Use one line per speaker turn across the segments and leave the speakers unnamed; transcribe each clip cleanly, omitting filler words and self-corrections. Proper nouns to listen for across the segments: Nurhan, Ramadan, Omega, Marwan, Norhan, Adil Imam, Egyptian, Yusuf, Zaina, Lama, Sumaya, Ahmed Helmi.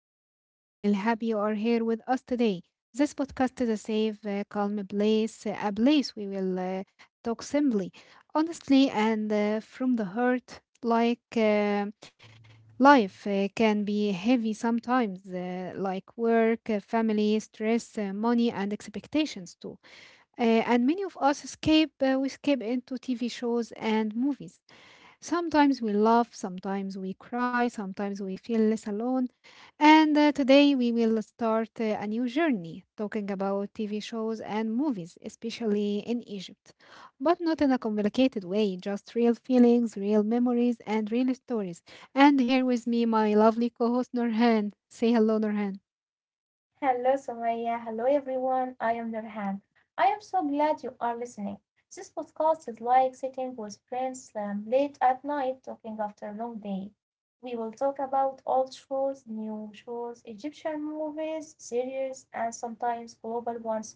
Sumaya, and I am really happy you are here with us today. This podcast is a safe, calm place, a place we will talk simply, honestly, and from the heart. Life can be heavy sometimes, like work, family, stress, money, and expectations too. And many of us escape, we escape into TV shows and movies. Sometimes we laugh, sometimes we cry, sometimes we feel less alone. And Today we will start a new journey talking about TV shows and movies, especially in Egypt. But not in a complicated way, just real feelings, real memories, and real stories. And here with me, my lovely co host Norhan. Say hello, Norhan.
Hello, Sumaya. Hello, everyone. I am Nurhan. I am so glad you are listening. This podcast is like sitting with friends late at night talking after a long day. We will talk about old shows, new shows, Egyptian movies, series, and sometimes global ones too.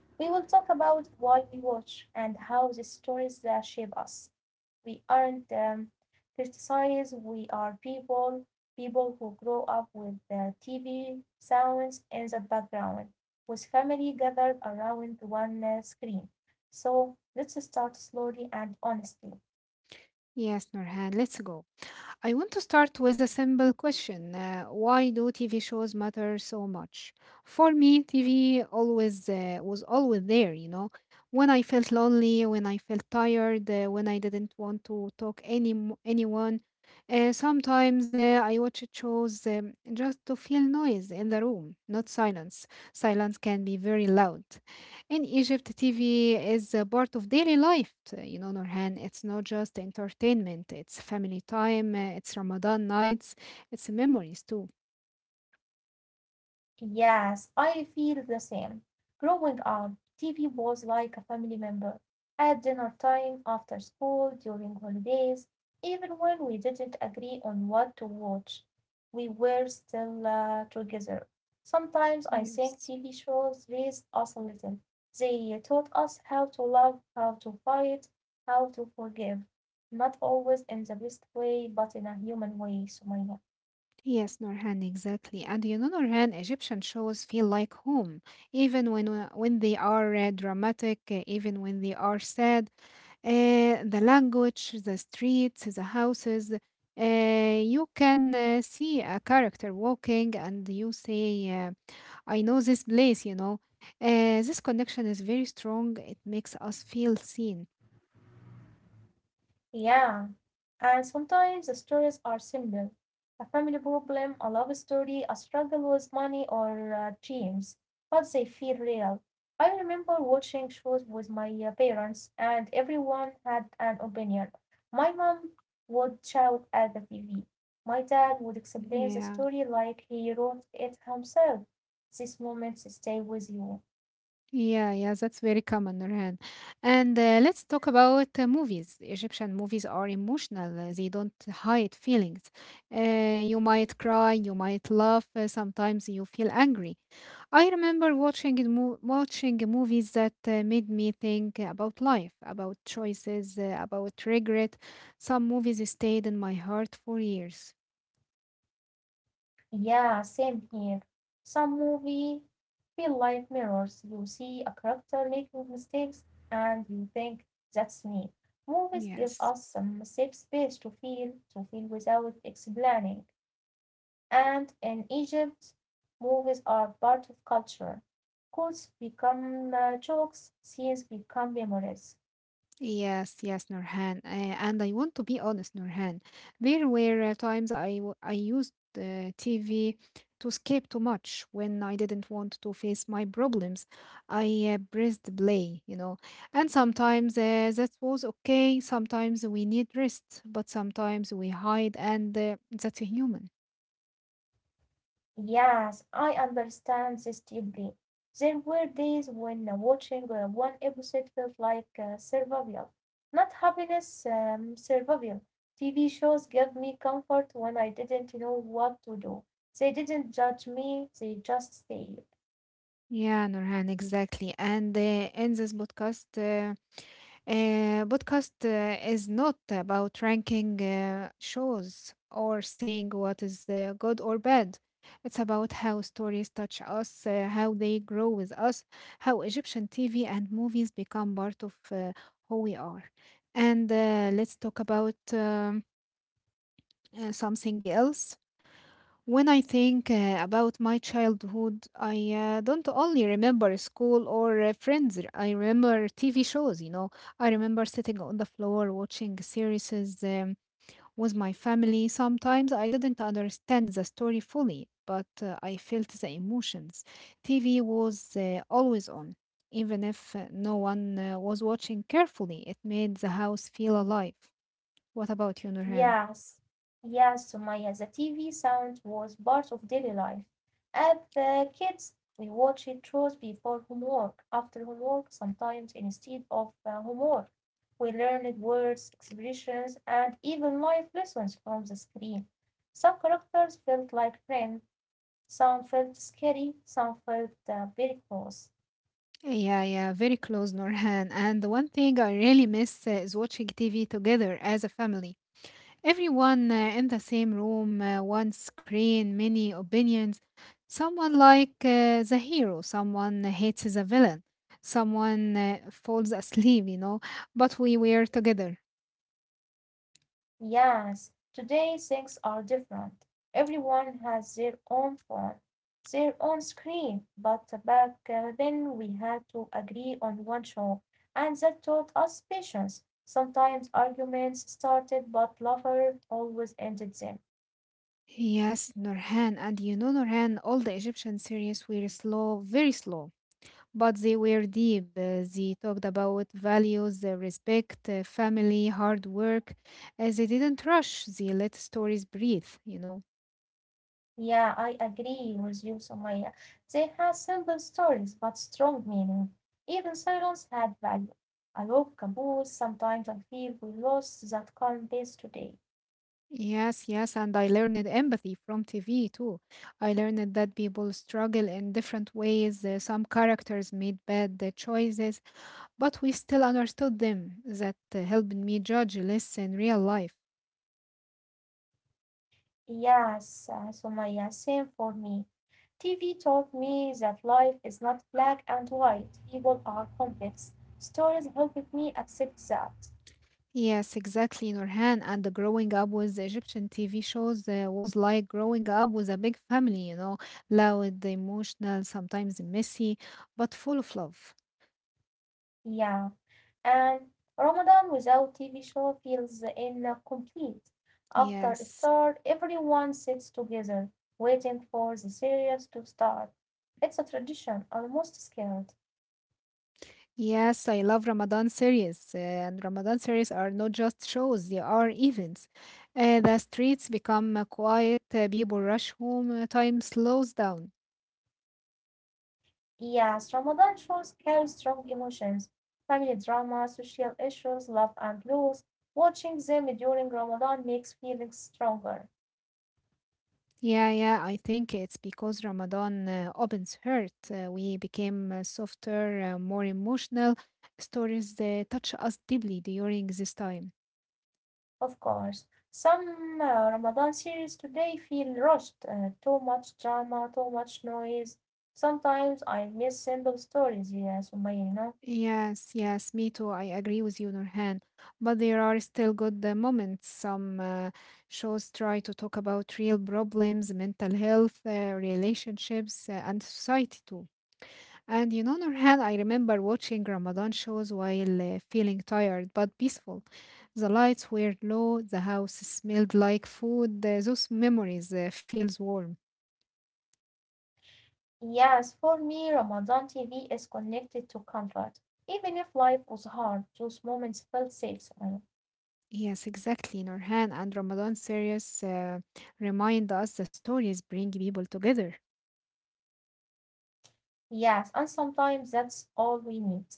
We will talk about why we watch and how the stories shape us. We aren't criticized. We are people, people who grow up with the TV sounds in the background, with family gathered around one screen. So let's start slowly and honestly.
Yes, Norhan, let's go. I want to start with a simple question. Why do TV shows matter so much? For me, TV always uh, was always there, you know. When I felt lonely, when I felt tired, when I didn't want to talk anyone, sometimes I watched shows just to feel noise in the room, not silence. Silence can be very loud. In Egypt, TV is a part of daily life. You know, Norhan, it's not just entertainment, it's family time, it's Ramadan nights, it's memories too.
Yes, I feel the same. Growing up, TV was like a family member. At dinner time, after school, during holidays, even when we didn't agree on what to watch, we were still together. Sometimes I think
Yes.
TV shows raised us a little. They taught us how to love, how to fight, how to forgive. Not always in the best way, but in a human way, Sumaila.
Yes, Norhan, exactly. And you know, Norhan, Egyptian shows feel like home, even when they are dramatic, even when they are sad. The language, the streets, the houses, you can see a character walking and you say, uh, I know this place, you know. This connection is very strong. It makes us feel seen.
Yeah. And sometimes the stories are simple, a family problem, a love story, a struggle with money or dreams, but they feel real. I remember watching shows with my parents, and everyone had an opinion. My mom would shout at the TV. My dad would explain the
Yeah.
story like he wrote it himself. These moments stay with you.
Yeah, yeah, that's very common, Nurhan. And Let's talk about movies. Egyptian movies are emotional, they don't hide feelings. You might cry, you might laugh, sometimes you feel angry. I remember watching movies that made me think about life, about choices, about regret. Some movies stayed in my heart for years.
Yeah, same here. Some movie feel like mirrors. You see a character making mistakes and you think that's me. Movies give
Yes.
us some safe space to feel without explaining. And in Egypt, movies are part of culture. Quotes become jokes, scenes become memories.
Yes, yes, Nurhan. And I want to be honest, Nurhan. There were times I used TV to escape too much when I didn't want to face my problems. I pressed play, you know. And sometimes that was okay. Sometimes we need rest, but sometimes we hide, and that's human.
Yes, I understand this deeply. There were days when watching one episode felt like survival, not happiness, survival. TV shows gave me comfort when I didn't know what to do. They didn't judge me, they just stayed.
Yeah, Nurhan, exactly. And In this podcast, podcast is not about ranking shows or saying what is good or bad. It's about how stories touch us, how they grow with us, how Egyptian TV and movies become part of who we are. And Let's talk about something else. When I think about my childhood, I don't only remember school or friends. I remember TV shows, you know. I remember sitting on the floor watching series um, with my family. Sometimes I didn't understand the story fully, but I felt the emotions. TV was always on, even if no one was watching carefully. It made the house feel alive. What about you, Nurhan?
Yes, yes, Sumaya, the TV sound was part of daily life. As the kids, we watched shows before homework, after homework, sometimes instead of homework. We learned words, expressions, and even life lessons from the screen. Some characters felt like friends, some felt scary, some felt very close.
Yeah, yeah, very close, Norhan. And the one thing I really miss is watching TV together as a family. Everyone in the same room, one screen, many opinions. Someone the hero, someone hates the villain, someone falls asleep, you know, but we were together.
Yes, today things are different. Everyone has their own phone, their own screen, but back then we had to agree on one show, and that taught us patience. Sometimes arguments started, but lover always ended them.
Yes, Norhan. And you know, Norhan, all the Egyptian series were slow, very slow. But they were deep. They talked about values, respect, family, hard work. They didn't rush. They let stories breathe, you know.
Yeah, I agree with you, Somaya. They had simple stories, but strong meaning. Even silence had value. I love Caboose. Sometimes I feel we lost that calm base today.
Yes, yes. And I learned empathy from TV too. I learned that people struggle in different ways. Some characters made bad choices, but we still understood them. That helped me judge less in real life.
Yes, Sumaya, same for me. TV taught me that life is not black and white. People are complex. Stories helped me accept that.
Yes, exactly, Nurhan. And the growing up with the Egyptian TV shows was like growing up with a big family, you know, loud, emotional, sometimes messy, but full of love.
Yeah, and Ramadan without TV show feels incomplete. After
Yes.
iftar, everyone sits together, waiting for the series to start. It's a tradition, almost scared.
Yes, I love Ramadan series. And Ramadan series are not just shows, they are events. The streets become quiet, people rush home, time slows down.
Yes, Ramadan shows carry strong emotions, family drama, social issues, love and loss. Watching them during Ramadan makes feelings stronger,
Yeah, yeah, I think it's because Ramadan opens hurt. We became softer, more emotional. Stories touch us deeply during this time.
of course. Some Ramadan series today feel rushed, too much drama, too much noise. Sometimes I miss simple stories, yes, Umayya, you know.
Yes, yes, me too. I agree with you, Nurhan. But there are still good moments. Some shows try to talk about real problems, mental health, relationships, and society too. And you know, Nurhan, I remember watching Ramadan shows while feeling tired but peaceful. The lights were low, the house smelled like food. Those memories feels warm.
Yes, for me, Ramadan TV is connected to comfort. Even if life was hard, those moments felt safe. Uh,
Yes, exactly, Nurhan. And Ramadan series remind us the stories bring people together.
Yes, and sometimes that's all we need.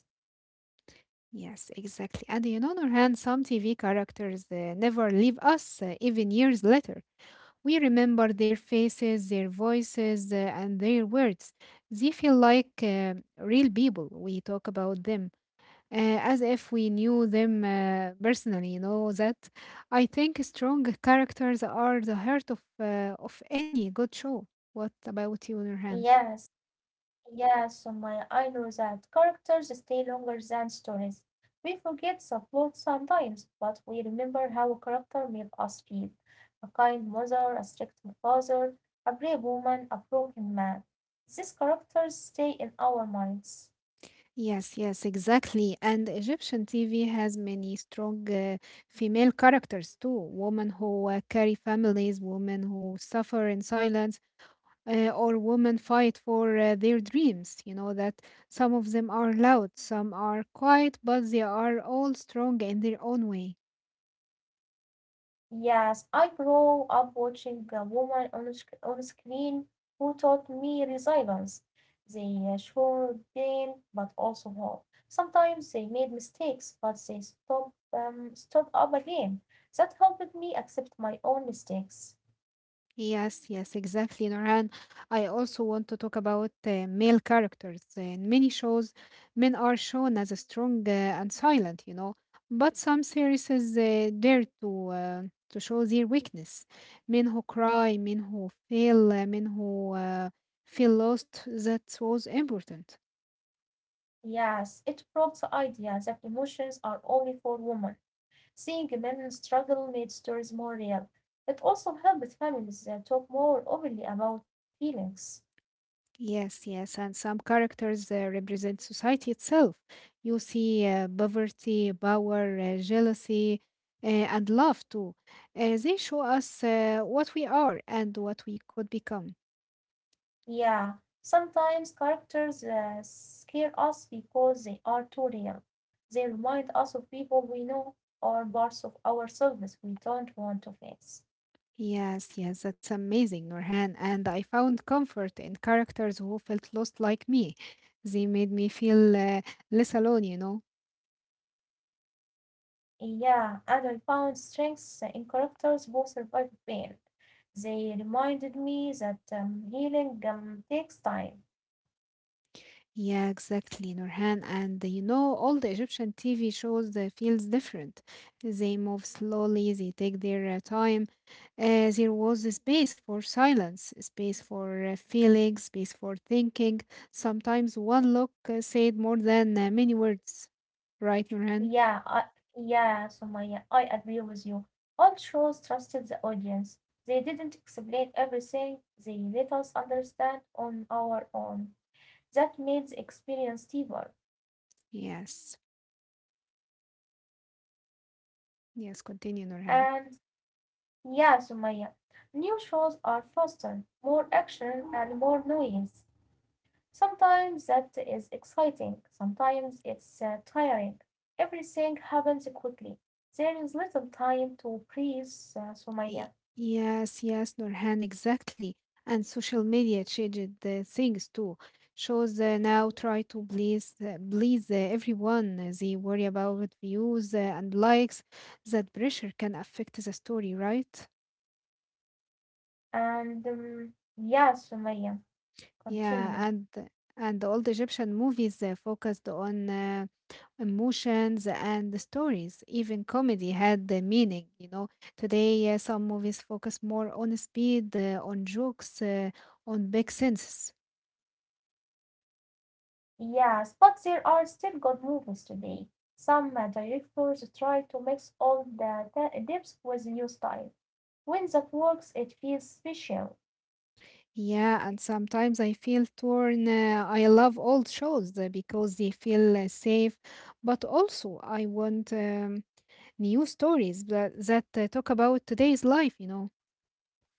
Yes, exactly. And you know, Nurhan, some TV characters never leave us even years later. We remember their faces, their voices, and their words. They feel like real people. We talk about them as if we knew them personally, you know, that I think strong characters are the heart of, of any good show. What about you, Nurhan?
Yes, yes, Sumaya, I know that. Characters stay longer than stories. We forget the plot sometimes, but we remember how a character made us feel. A kind mother, a strict father, a brave woman, a broken man. These characters stay in our minds.
Yes, yes, exactly. And Egyptian TV has many strong female characters too. Women who carry families, women who suffer in silence, or women fight for their dreams. You know, that some of them are loud, some are quiet, but they are all strong in their own way.
Yes, I grew up watching a woman on screen who taught me resilience. They showed pain, but also hope. Sometimes they made mistakes, but they stood up again. That helped me accept my own mistakes.
Yes, yes, exactly, Norhan. I also want to talk about male characters. In many shows, men are shown as strong and silent, you know, but some series dare to show their weakness. Men who cry, men who fail, men who feel lost. That was important.
Yes, it broke the idea that emotions are only for women. Seeing men struggle made stories more real. It also helped families talk more openly about feelings.
Yes, yes, and some characters represent society itself. You see poverty, power, jealousy, and love too. They show us what we are and what we could become.
Yeah, sometimes characters scare us because they are too real. They remind us of people we know or parts of ourselves we don't want to face.
Yes, yes, that's amazing, Norhan. And I found comfort in characters who felt lost like me. They made me feel less alone, you know.
Yeah, and I found strengths in characters who survive pain. They reminded me that healing takes time.
Yeah, exactly, Nurhan. And You know, all the Egyptian TV shows feels different. They move slowly, they take their time. There was a space for silence, a space for feeling, space for thinking. Sometimes one look said more than many words. Right, Nurhan?
Yeah, I, yeah, Sumaya, I agree with you. All shows trusted the audience. They didn't explain everything, they let us understand on our own. That made the experience deeper.
Yes. Yes, continue, Nurhan.
And yeah, Sumaya, new shows are faster, more action, and more noise. Sometimes that is exciting, sometimes it's tiring. Everything happens quickly. There is little time to breathe,
Y-
Sumaya.
Yes, yes, Nurhan, exactly. And social media changed the things too. Shows now try to please everyone. They worry about views and likes. That pressure can affect the story, right?
And yeah, Sumaya, continue.
Yeah, and the old Egyptian movies focused on emotions and the stories. Even comedy had the meaning, you know. Today, some movies focus more on speed, on jokes, on big senses.
Yes, but there are still good movies today. Some directors try to mix all the depths with new style. When that works, it feels special.
Yeah, and sometimes I feel torn. I love old shows because they feel safe, but also I want new stories that talk about today's life, you know.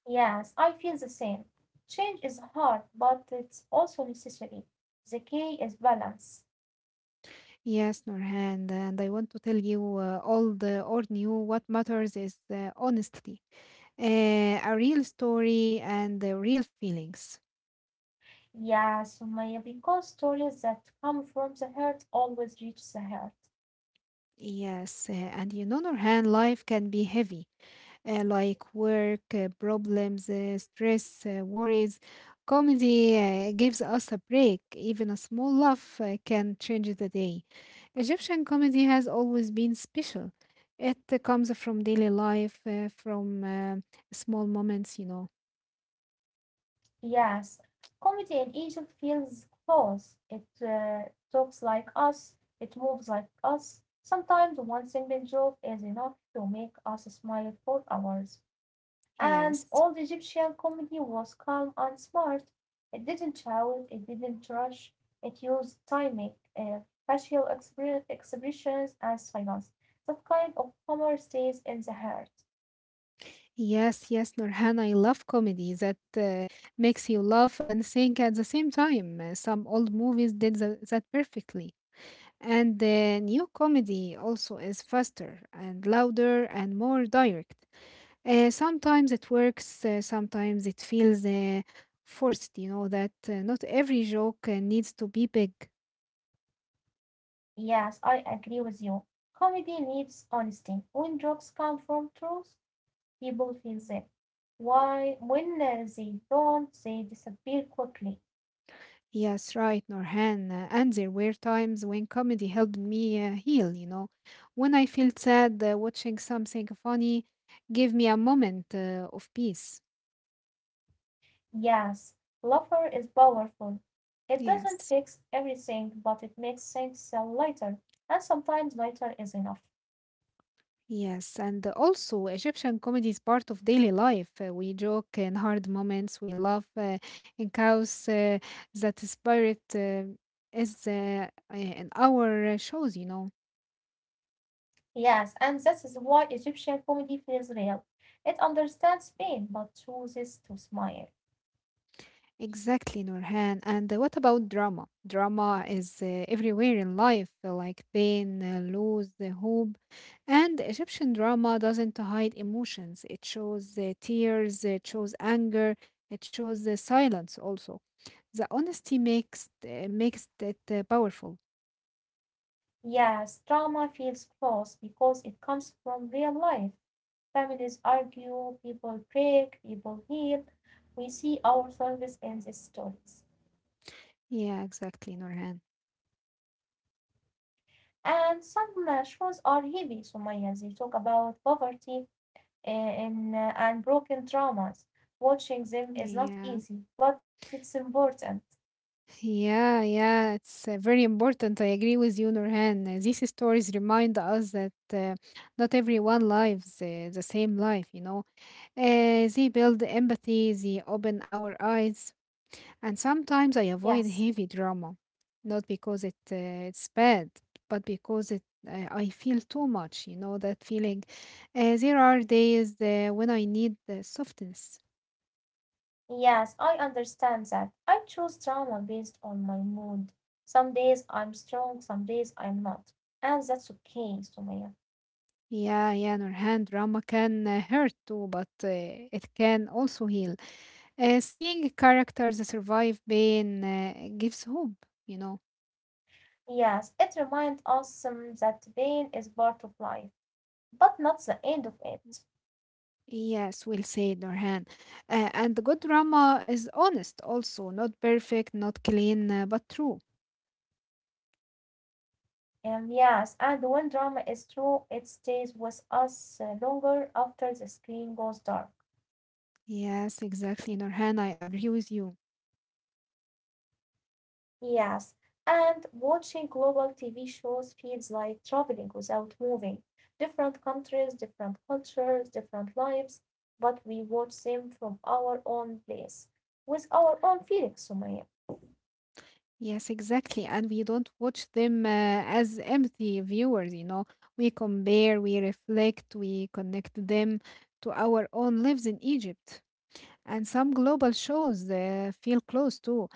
Yes, I feel the same. Change is hard, but it's also necessary. The key is balance.
Yes, Norhan, and I want to tell you all the or new what matters is honesty, a real story and real feelings.
Yes, Sumaya, because stories that come from the heart always reach the heart.
Yes, and you know, Nurhan, life can be heavy, like work, problems, stress, worries. Comedy gives us a break. Even a small laugh can change the day. Egyptian comedy has always been special. It comes from daily life, from small moments, you know.
Yes, comedy in Egypt feels close. It talks like us, it moves like us. Sometimes one single joke is enough to make us smile for hours. And
Yes.
old Egyptian comedy was calm and smart. It didn't shout, it didn't rush, it used timing, expressions, and silence. That kind of humor stays in the heart.
Yes, yes, Nurhan, I love comedy that makes you laugh and think at the same time. Some old movies did that perfectly. And the new comedy also is faster and louder and more direct. Sometimes it works, sometimes it feels forced, you know, that not every joke needs to be big.
Yes, I agree with you. Comedy needs honesty. When jokes come from truth, people feel them. Why, when they don't, they disappear quickly.
Yes, right, Norhan. And there were times when comedy helped me heal, you know. When I felt sad, watching something funny gave me a moment of peace.
Yes, laughter is powerful. It doesn't
Yes,
fix everything, but it makes things lighter, and sometimes lighter is enough.
yes. And also, Egyptian comedy is part of daily life. We joke in hard moments, we laugh in chaos. That spirit is in our shows, you know.
Yes, and that is why Egyptian comedy feels real. It understands pain, but chooses to smile.
Exactly, Nurhan. And What about drama? Drama is everywhere in life, like pain, loss, hope. And Egyptian drama doesn't hide emotions. It shows tears, it shows anger, it shows silence also. The honesty makes it powerful.
Yes, drama feels close because it comes from real life. Families argue, people break, people heal. We see ourselves in these stories.
Yeah, exactly, Nurhan.
And some shows are heavy, Sumaya. They talk about poverty and broken traumas. Watching them is not
Yeah.
easy, but it's important.
Yeah, yeah, it's very important. I agree with you, Nurhan. These stories remind us that not everyone lives the same life, They build empathy, they open our eyes, and sometimes I avoid
Yes.
heavy drama, not because it it's bad, but because it I feel too much, that feeling. There are days when I need the softness.
Yes, I understand that. I choose drama based on my mood. Some days I'm strong, some days I'm not. And that's okay, Sumaya.
Yeah, yeah, Nurhan, drama can hurt too, but it can also heal. Seeing characters survive pain gives hope, you know.
Yes, it reminds us that pain is part of life, but not the end of it.
Yes, we'll say it, Nurhan. And the good drama is honest also, not perfect, not clean, but true.
Yes, and when drama is true, it stays with us longer after the screen goes dark.
Yes, exactly, Nurhan. I agree with you.
Yes, and watching global TV shows feels like traveling without moving. Different countries, different cultures, different lives, but we watch them from our own place, with our own feelings, Sumaya.
Yes, exactly. And we don't watch them as empty viewers. We compare, we reflect, we connect them to our own lives in Egypt. And some global shows feel close too,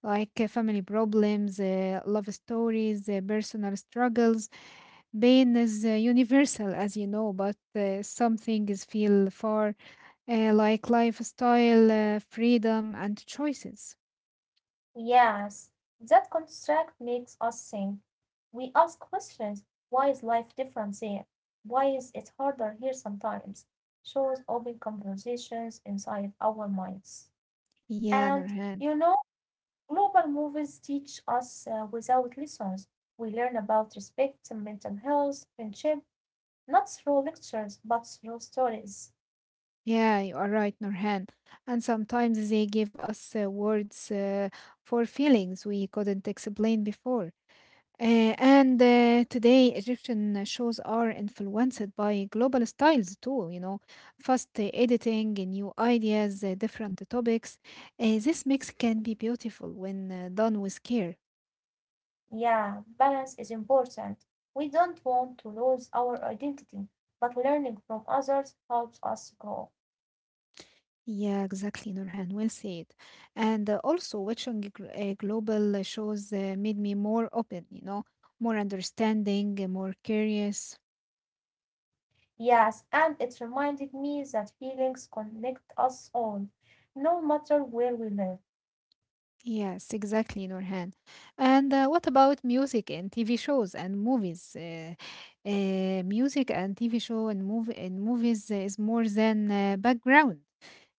like family problems, love stories, personal struggles. Pain is universal, as you know, but some things feel far, like lifestyle, freedom, and choices.
Yes, that construct makes us think. We ask questions. Why is life different there? Why is it harder here sometimes? Shows open conversations inside our minds.
Yeah,
And
Nurhan.
you know, global movies teach us without lessons. We learn about respect, mental health, friendship, not through lectures, but through stories.
Yeah, you are right, Nurhan. And sometimes they give us words for feelings we couldn't explain before. And Today, Egyptian shows are influenced by global styles too, fast editing, new ideas, different topics. This mix can be beautiful when done with care.
Yeah, balance is important. We don't want to lose our identity, but learning from others helps us grow.
Yeah, exactly, Nurhan. Well said. And also, watching global shows made me more open, more understanding, more curious.
Yes, and it reminded me that feelings connect us all, no matter where we live.
Yes, exactly, Nurhan. And what about music and TV shows and movies? Music and TV show and movies is more than background.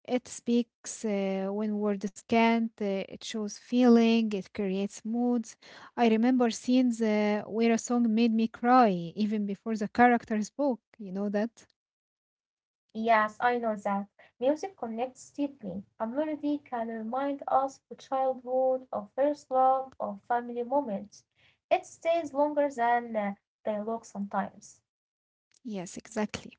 It speaks when words can't. It shows feeling. It creates moods. I remember scenes where a song made me cry even before the character spoke. You know that?
Yes, I know that. Music connects deeply. A melody can remind us of childhood, of first love, of family moments. It stays longer than dialogue sometimes.
Yes, exactly.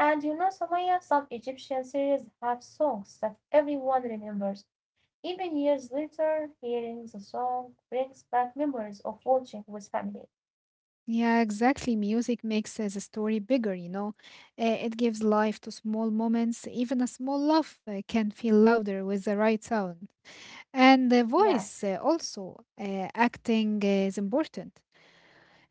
And you know, Samaya, some Egyptian series have songs that everyone remembers. Even years later, hearing the song brings back memories of watching with family.
Yeah, exactly. Music makes the story bigger. It gives life to small moments. Even a small laugh can feel louder with the right sound. And the voice
Yes,
also, acting is important.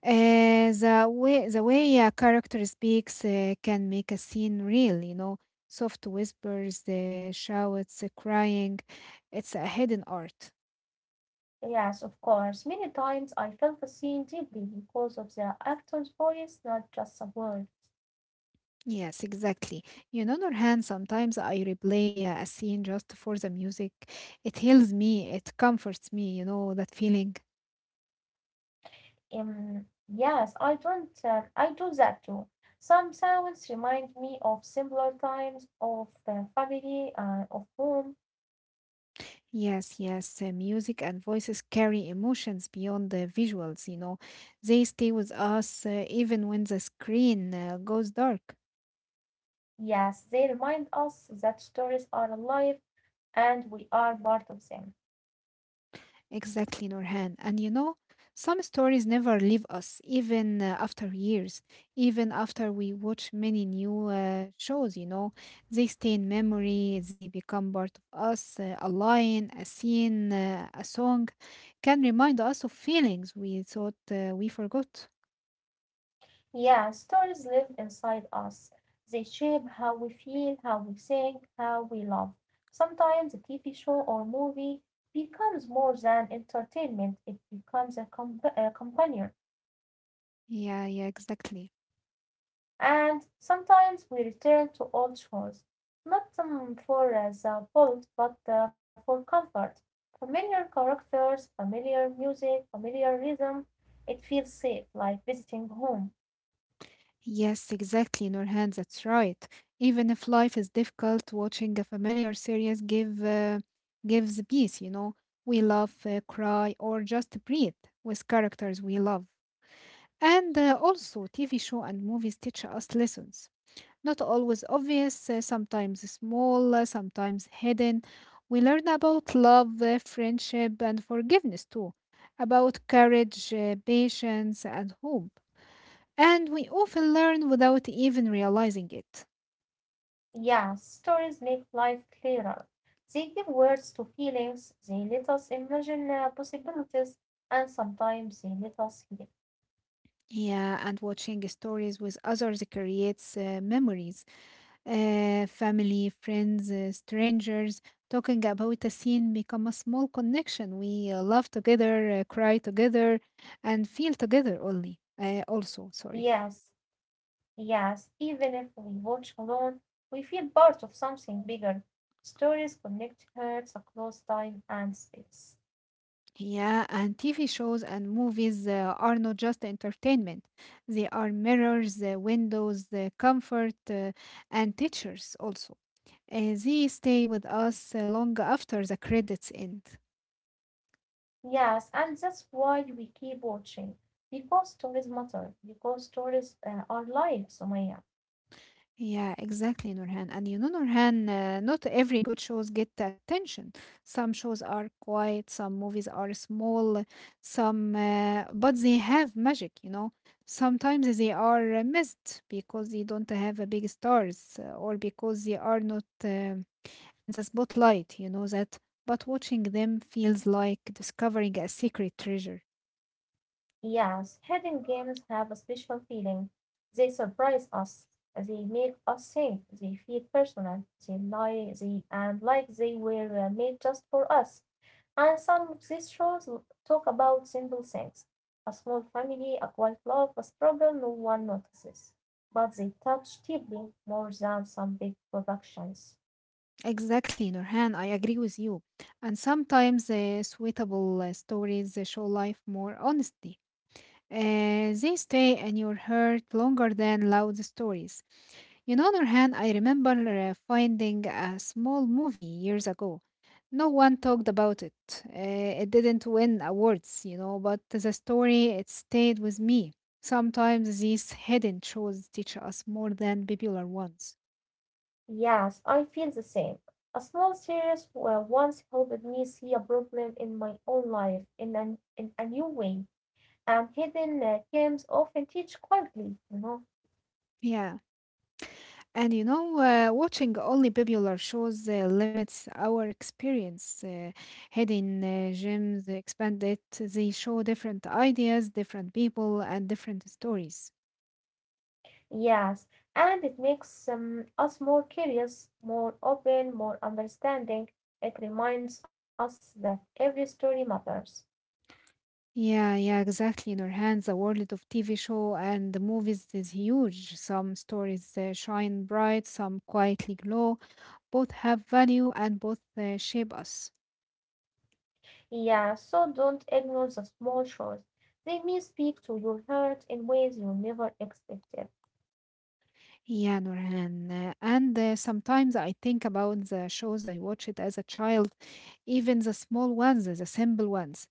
The way a character speaks can make a scene real, you know. Soft whispers, the shouts, the crying. It's a hidden art.
yes, of course. Many times I felt the scene deeply because of the actor's voice, not just the word.
Yes, exactly. And on the other hand, sometimes I replay a scene just for the music. It heals me, it comforts me, that feeling.
Yes, I don't. I do that too. Some sounds remind me of simpler times, of family, of home.
Yes, yes, music and voices carry emotions beyond the visuals, you know. They stay with us even when the screen goes dark.
Yes, they remind us that stories are alive and we are part of them.
Exactly, Norhan. And you know, some stories never leave us, even after years, even after we watch many new shows, you know. They stay in memory, they become part of us. A line, a scene, a song can remind us of feelings we thought we forgot.
Yeah, stories live inside us. They shape how we feel, how we think, how we love. Sometimes a TV show or movie becomes more than entertainment, it becomes a a companion.
Yeah, yeah, exactly.
And sometimes we return to old shows, not for the plot but for comfort, familiar characters, familiar music, familiar rhythm. It feels safe, like visiting home.
Yes, exactly, Nurhan, that's right. Even if life is difficult, watching a familiar series gives peace, you know. We laugh, cry, or just breathe with characters we love. And also, TV show and movies teach us lessons. Not always obvious, sometimes small, sometimes hidden. We learn about love, friendship, and forgiveness too, about courage, patience, and hope. And we often learn without even realizing it.
Yeah, stories make life clearer. They give words to feelings, they let us imagine possibilities, and sometimes they let us heal.
Yeah, and watching stories with others creates memories. Family, friends, strangers, talking about a scene become a small connection. We laugh together, cry together, and feel together only. Also, sorry.
Yes. Yes, even if we watch alone, we feel part of something bigger. Stories connect hearts across time and space.
Yeah, and TV shows and movies are not just entertainment. They are mirrors, windows, comfort, and teachers also. They stay with us long after the credits end.
Yes, and that's why we keep watching. Because stories matter. Because stories are life, Sumaya.
Yeah, exactly, Nurhan. And you know, Nurhan, not every good shows get the attention. Some shows are quiet, some movies are small, some, but they have magic, you know. Sometimes they are missed because they don't have a big stars or because they are not in the spotlight, you know that. But watching them feels like discovering a secret treasure.
Yes, hidden games have a special feeling. They surprise us. They make us think. They feel personal. They lie. They and like they were made just for us. And some of these talk about simple things: a small family, a quiet love, a struggle no one notices. But they touch deeply more than some big productions.
Exactly, Nurhan. I agree with you. And sometimes suitable stories show life more honestly. They stay in your heart longer than loud stories. You know, Nurhan, I remember finding a small movie years ago. No one talked about it. It didn't win awards, you know, but the story, it stayed with me. Sometimes these hidden shows teach us more than popular ones.
Yes, I feel the same. A once helped me see a problem in my own life in a new way, and hidden games often teach quietly, you know.
Yeah. And you know, watching only popular shows limits our experience. Hidden gems expanded, they show different ideas, different people, and different stories.
Yes, and it makes us more curious, more open, more understanding. It reminds us that every story matters.
Yeah, yeah, exactly. Nurhan, the world of TV show and the movies is huge. Some stories shine bright, some quietly glow. Both have value and both shape us.
Yeah, so don't ignore the small chores. They may speak to your heart in ways you never expected.
Yeah, Nurhan. And sometimes I think about the shows I watched as a child, even the small ones, the simple ones.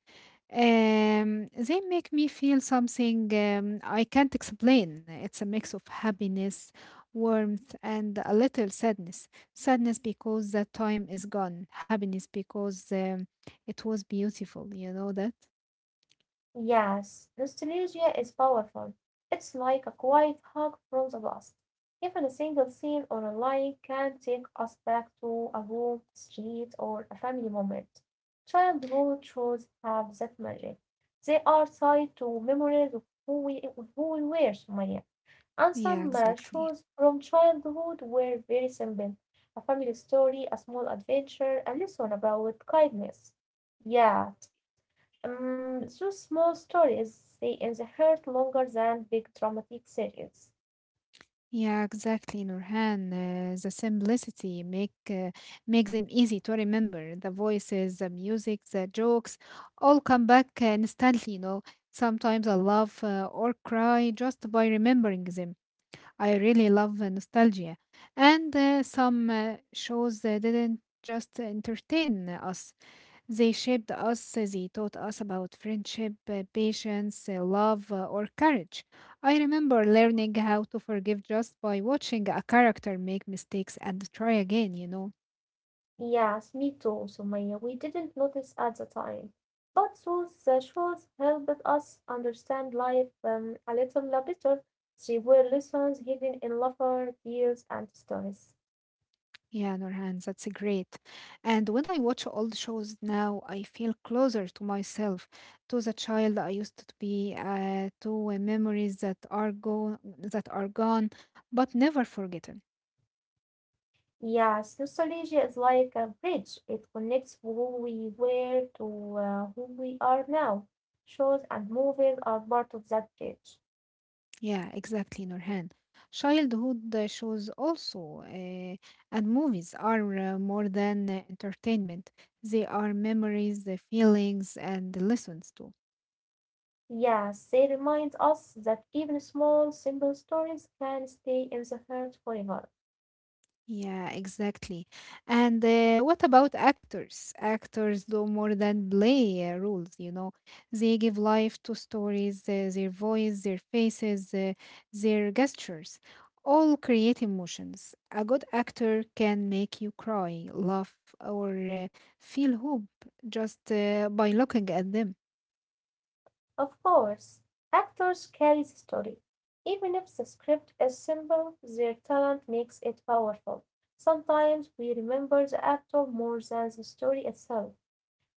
They make me feel something I can't explain. It's a mix of happiness, warmth, and a little sadness. Sadness because that time is gone, happiness because it was beautiful. You know that?
Yes, nostalgia is powerful. It's like a quiet hug from the past. Even a single scene or a line can take us back to a room, street, or a family moment. Childhood shows have that magic. They are tied to memories of who we, who we were, Sumaya. And
Yeah,
some
exactly.
shows from childhood were very simple, a family story, a small adventure, a lesson about kindness. Yeah. Those small stories stay in the heart longer than big dramatic series.
Yeah, exactly, Nurhan. The simplicity make makes them easy to remember. The voices, the music, the jokes, all come back instantly. You know, sometimes I laugh or cry just by remembering them. I really love nostalgia, and some shows didn't just entertain us. They shaped us, they taught us about friendship, patience, love, or courage. I remember learning how to forgive just by watching a character make mistakes and try again, you know.
Yes, me too, Sumaya. We didn't notice at the time. But those shows helped us understand life a little better. They were lessons hidden in laughter, tears, and stories.
Yeah, Nurhan, that's great. And when I watch old shows now, I feel closer to myself, to the child I used to be, to memories that are go that are gone but never forgotten.
Yes, nostalgia is like a bridge. It connects who we were to who we are now. Shows and movies are part of that bridge.
Yeah, exactly, Nurhan. Childhood shows also and movies are more than entertainment. They are memories, the feelings, and the lessons too.
Yes, they remind us that even small, simple stories can stay in the heart forever.
Yeah, exactly. And what about actors? Actors do more than play roles, you know. They give life to stories, their voice, their faces, their gestures, all create emotions. A good actor can make you cry, laugh, or feel hope just by looking at them.
Of course, actors carry the story. Even if the script is simple, their talent makes it powerful. Sometimes we remember the actor more than the story itself.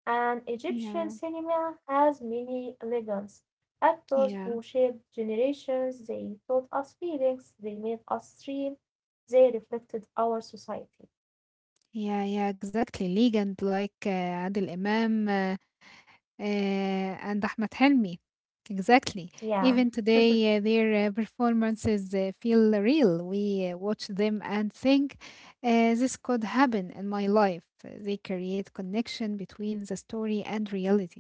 And Egyptian
Yeah,
cinema has many legends, actors who
yeah,
shaped generations, they taught us feelings, they made us dream, they reflected our society.
yeah, exactly. Ligand like Adil Imam. And Ahmed Helmi. Exactly.
Yeah.
Even today, their performances feel real. We watch them and think, this could happen in my life. They create connection between the story and reality.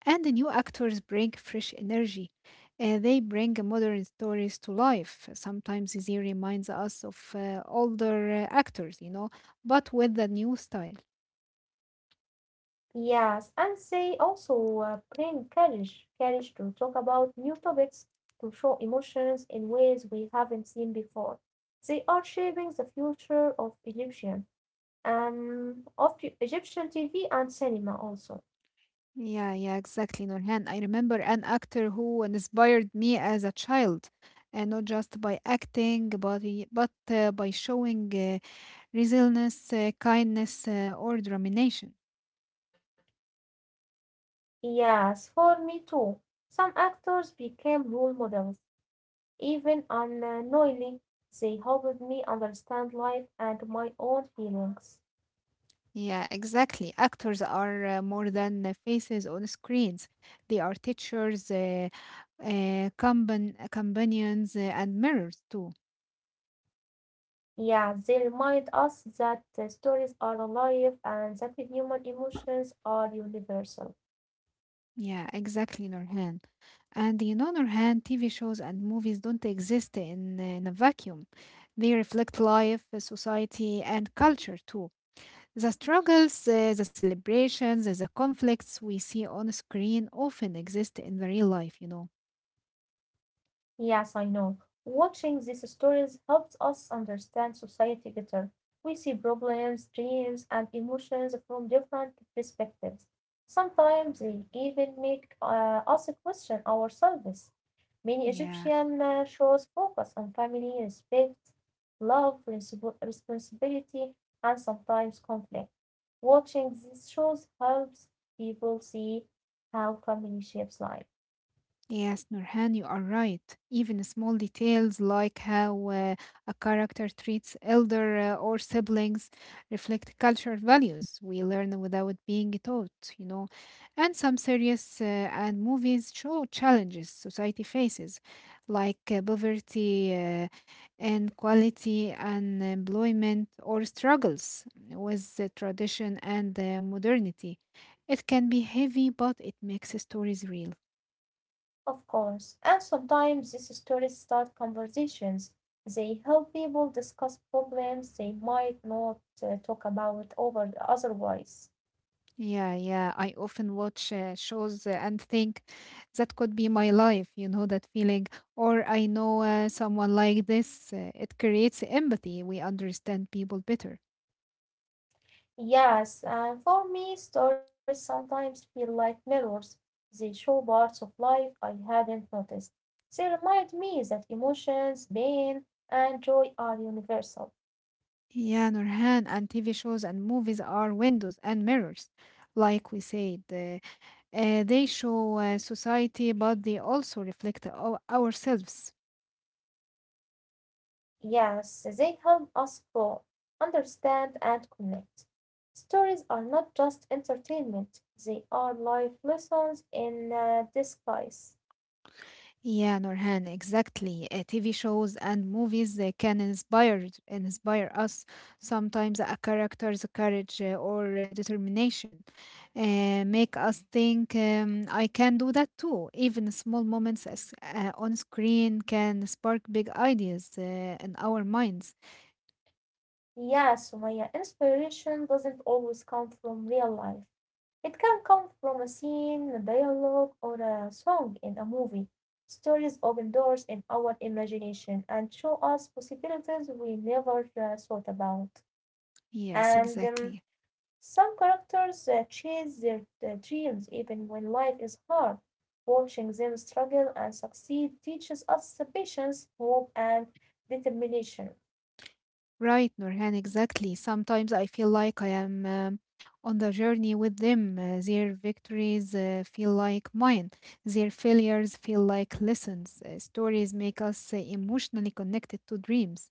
And the new actors bring fresh energy. They bring modern stories to life. Sometimes they reminds us of older actors, you know, but with a new style.
Yes, and they also bring courage, courage to talk about new topics, to show emotions in ways we haven't seen before. They are shaping the future of Egyptian TV and cinema also.
Yeah, yeah, exactly, Nurhan. I remember an actor who inspired me as a child, and not just by acting, but by showing resilience, kindness, or determination.
Yes, for me too. Some actors became role models, even unknowingly. They helped me understand life and my own feelings.
Yeah, exactly. Actors are more than faces on screens. They are teachers, uh, companions, and mirrors too.
Yeah, they remind us that the stories are alive and that human emotions are universal.
Yeah, exactly, Nurhan. And in other hand, TV shows and movies don't exist in a vacuum. They reflect life, society, and culture too. The struggles, the celebrations, the conflicts we see on screen often exist in the real life, you know.
Yes, I know. Watching these stories helps us understand society better. We see problems, dreams, and emotions from different perspectives. Sometimes they even make us question ourselves. Many
Yeah.
Egyptian shows focus on family, respect, love, responsibility, and sometimes conflict. Watching these shows helps people see how family shapes life.
Yes, Nurhan, you are right. Even small details like how a character treats elder or siblings reflect cultural values we learn without being taught, you know. And some series and movies show challenges society faces, like poverty, inequality, unemployment, or struggles with the tradition and modernity. It can be heavy, but it makes stories real.
Of course, and sometimes these stories start conversations. They help people discuss problems they might not talk about over otherwise.
Yeah, yeah. I often watch shows and think that could be my life, that feeling. Or I know someone like this. It creates empathy. We understand people better.
Yes, and for me, stories sometimes feel like mirrors. They show parts of life I hadn't noticed. They remind me that emotions, pain, and joy are universal.
Yeah, Nurhan, and TV shows and movies are windows and mirrors. Like we said, they show society, but they also reflect our, ourselves.
Yes, they help us grow, understand, and connect. Stories are not just entertainment, they are life lessons in disguise.
Yeah, Nurhan, exactly. TV shows and movies they can inspire us. Sometimes a character's courage or determination make us think I can do that too. Even small moments as, on screen can spark big ideas in our minds.
Yes, Sumaya, inspiration doesn't always come from real life. It can come from a scene, a dialogue, or a song in a movie. Stories open doors in our imagination and show us possibilities we never thought about.
Yes,
And
exactly.
some characters chase their dreams even when life is hard. Watching them struggle and succeed teaches us patience, hope, and determination.
Right, Nurhan, exactly. Sometimes I feel like I am on the journey with them. Their victories feel like mine. Their failures feel like lessons. Stories make us emotionally connected to dreams.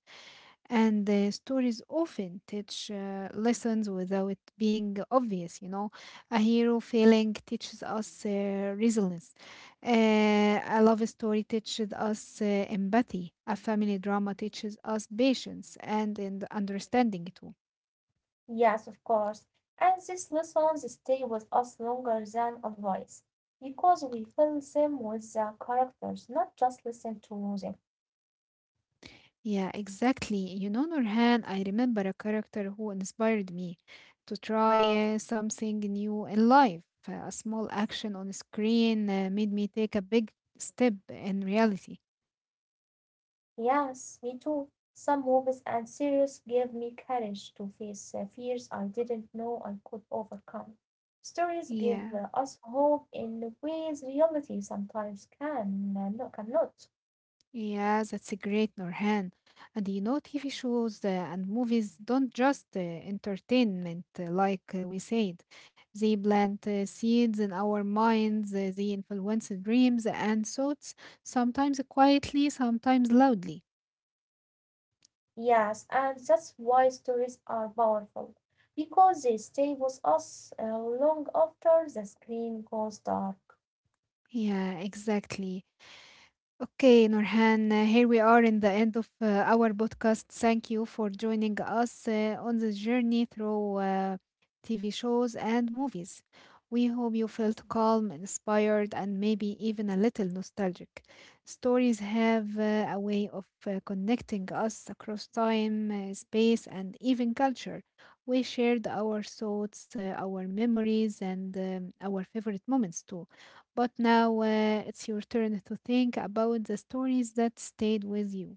And the stories often teach lessons without being obvious, you know. A hero failing teaches us resilience. A love story teaches us empathy. A family drama teaches us patience and understanding too.
Yes, of course. And these lessons stay with us longer than advice because we fill them with the characters, not just listen to them.
Yeah, exactly. You know, Nurhan, I remember a character who inspired me to try something new in life. A small action on screen made me take a big step in reality.
Yes, me too. Some movies and series gave me courage to face fears I didn't know I could overcome. Stories give
Yeah,
us hope in ways reality sometimes cannot.
yeah, that's a great, Norhan. And you know, TV shows and movies don't just entertainment, like we said. They plant seeds in our minds, they influence dreams and thoughts, sometimes quietly, sometimes loudly.
Yes, and that's why stories are powerful because they stay with us long after the screen goes dark.
Yeah, exactly. Okay, Nurhan, here we are in the end of our podcast. Thank you for joining us on this journey through TV shows and movies. We hope you felt calm, inspired, and maybe even a little nostalgic. Stories have a way of connecting us across time, space, and even culture. We shared our thoughts, our memories, and our favorite moments too. But now it's your turn to think about the stories that stayed with you.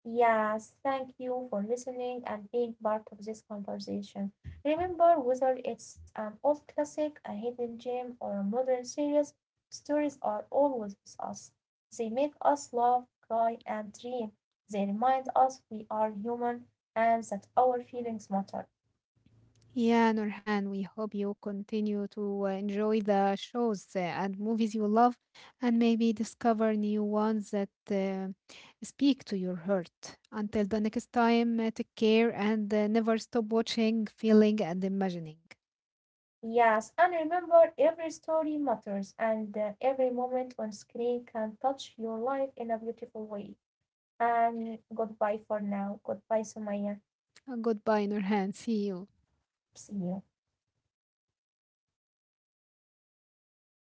Yes, thank you for listening and being part of this conversation. Remember, whether it's an old classic, a hidden gem, or a modern series, stories are always with us. They make us laugh, cry, and dream. They remind us we are human and that our feelings matter.
Yeah, Nurhan, we hope you continue to enjoy the shows and movies you love and maybe discover new ones that speak to your heart. Until the next time, take care and never stop watching, feeling, and imagining.
Yes, and remember, every story matters, and every moment on screen can touch your life in a beautiful way. And goodbye for now. Goodbye, Sumaya.
Goodbye, Nurhan. See you.
See you.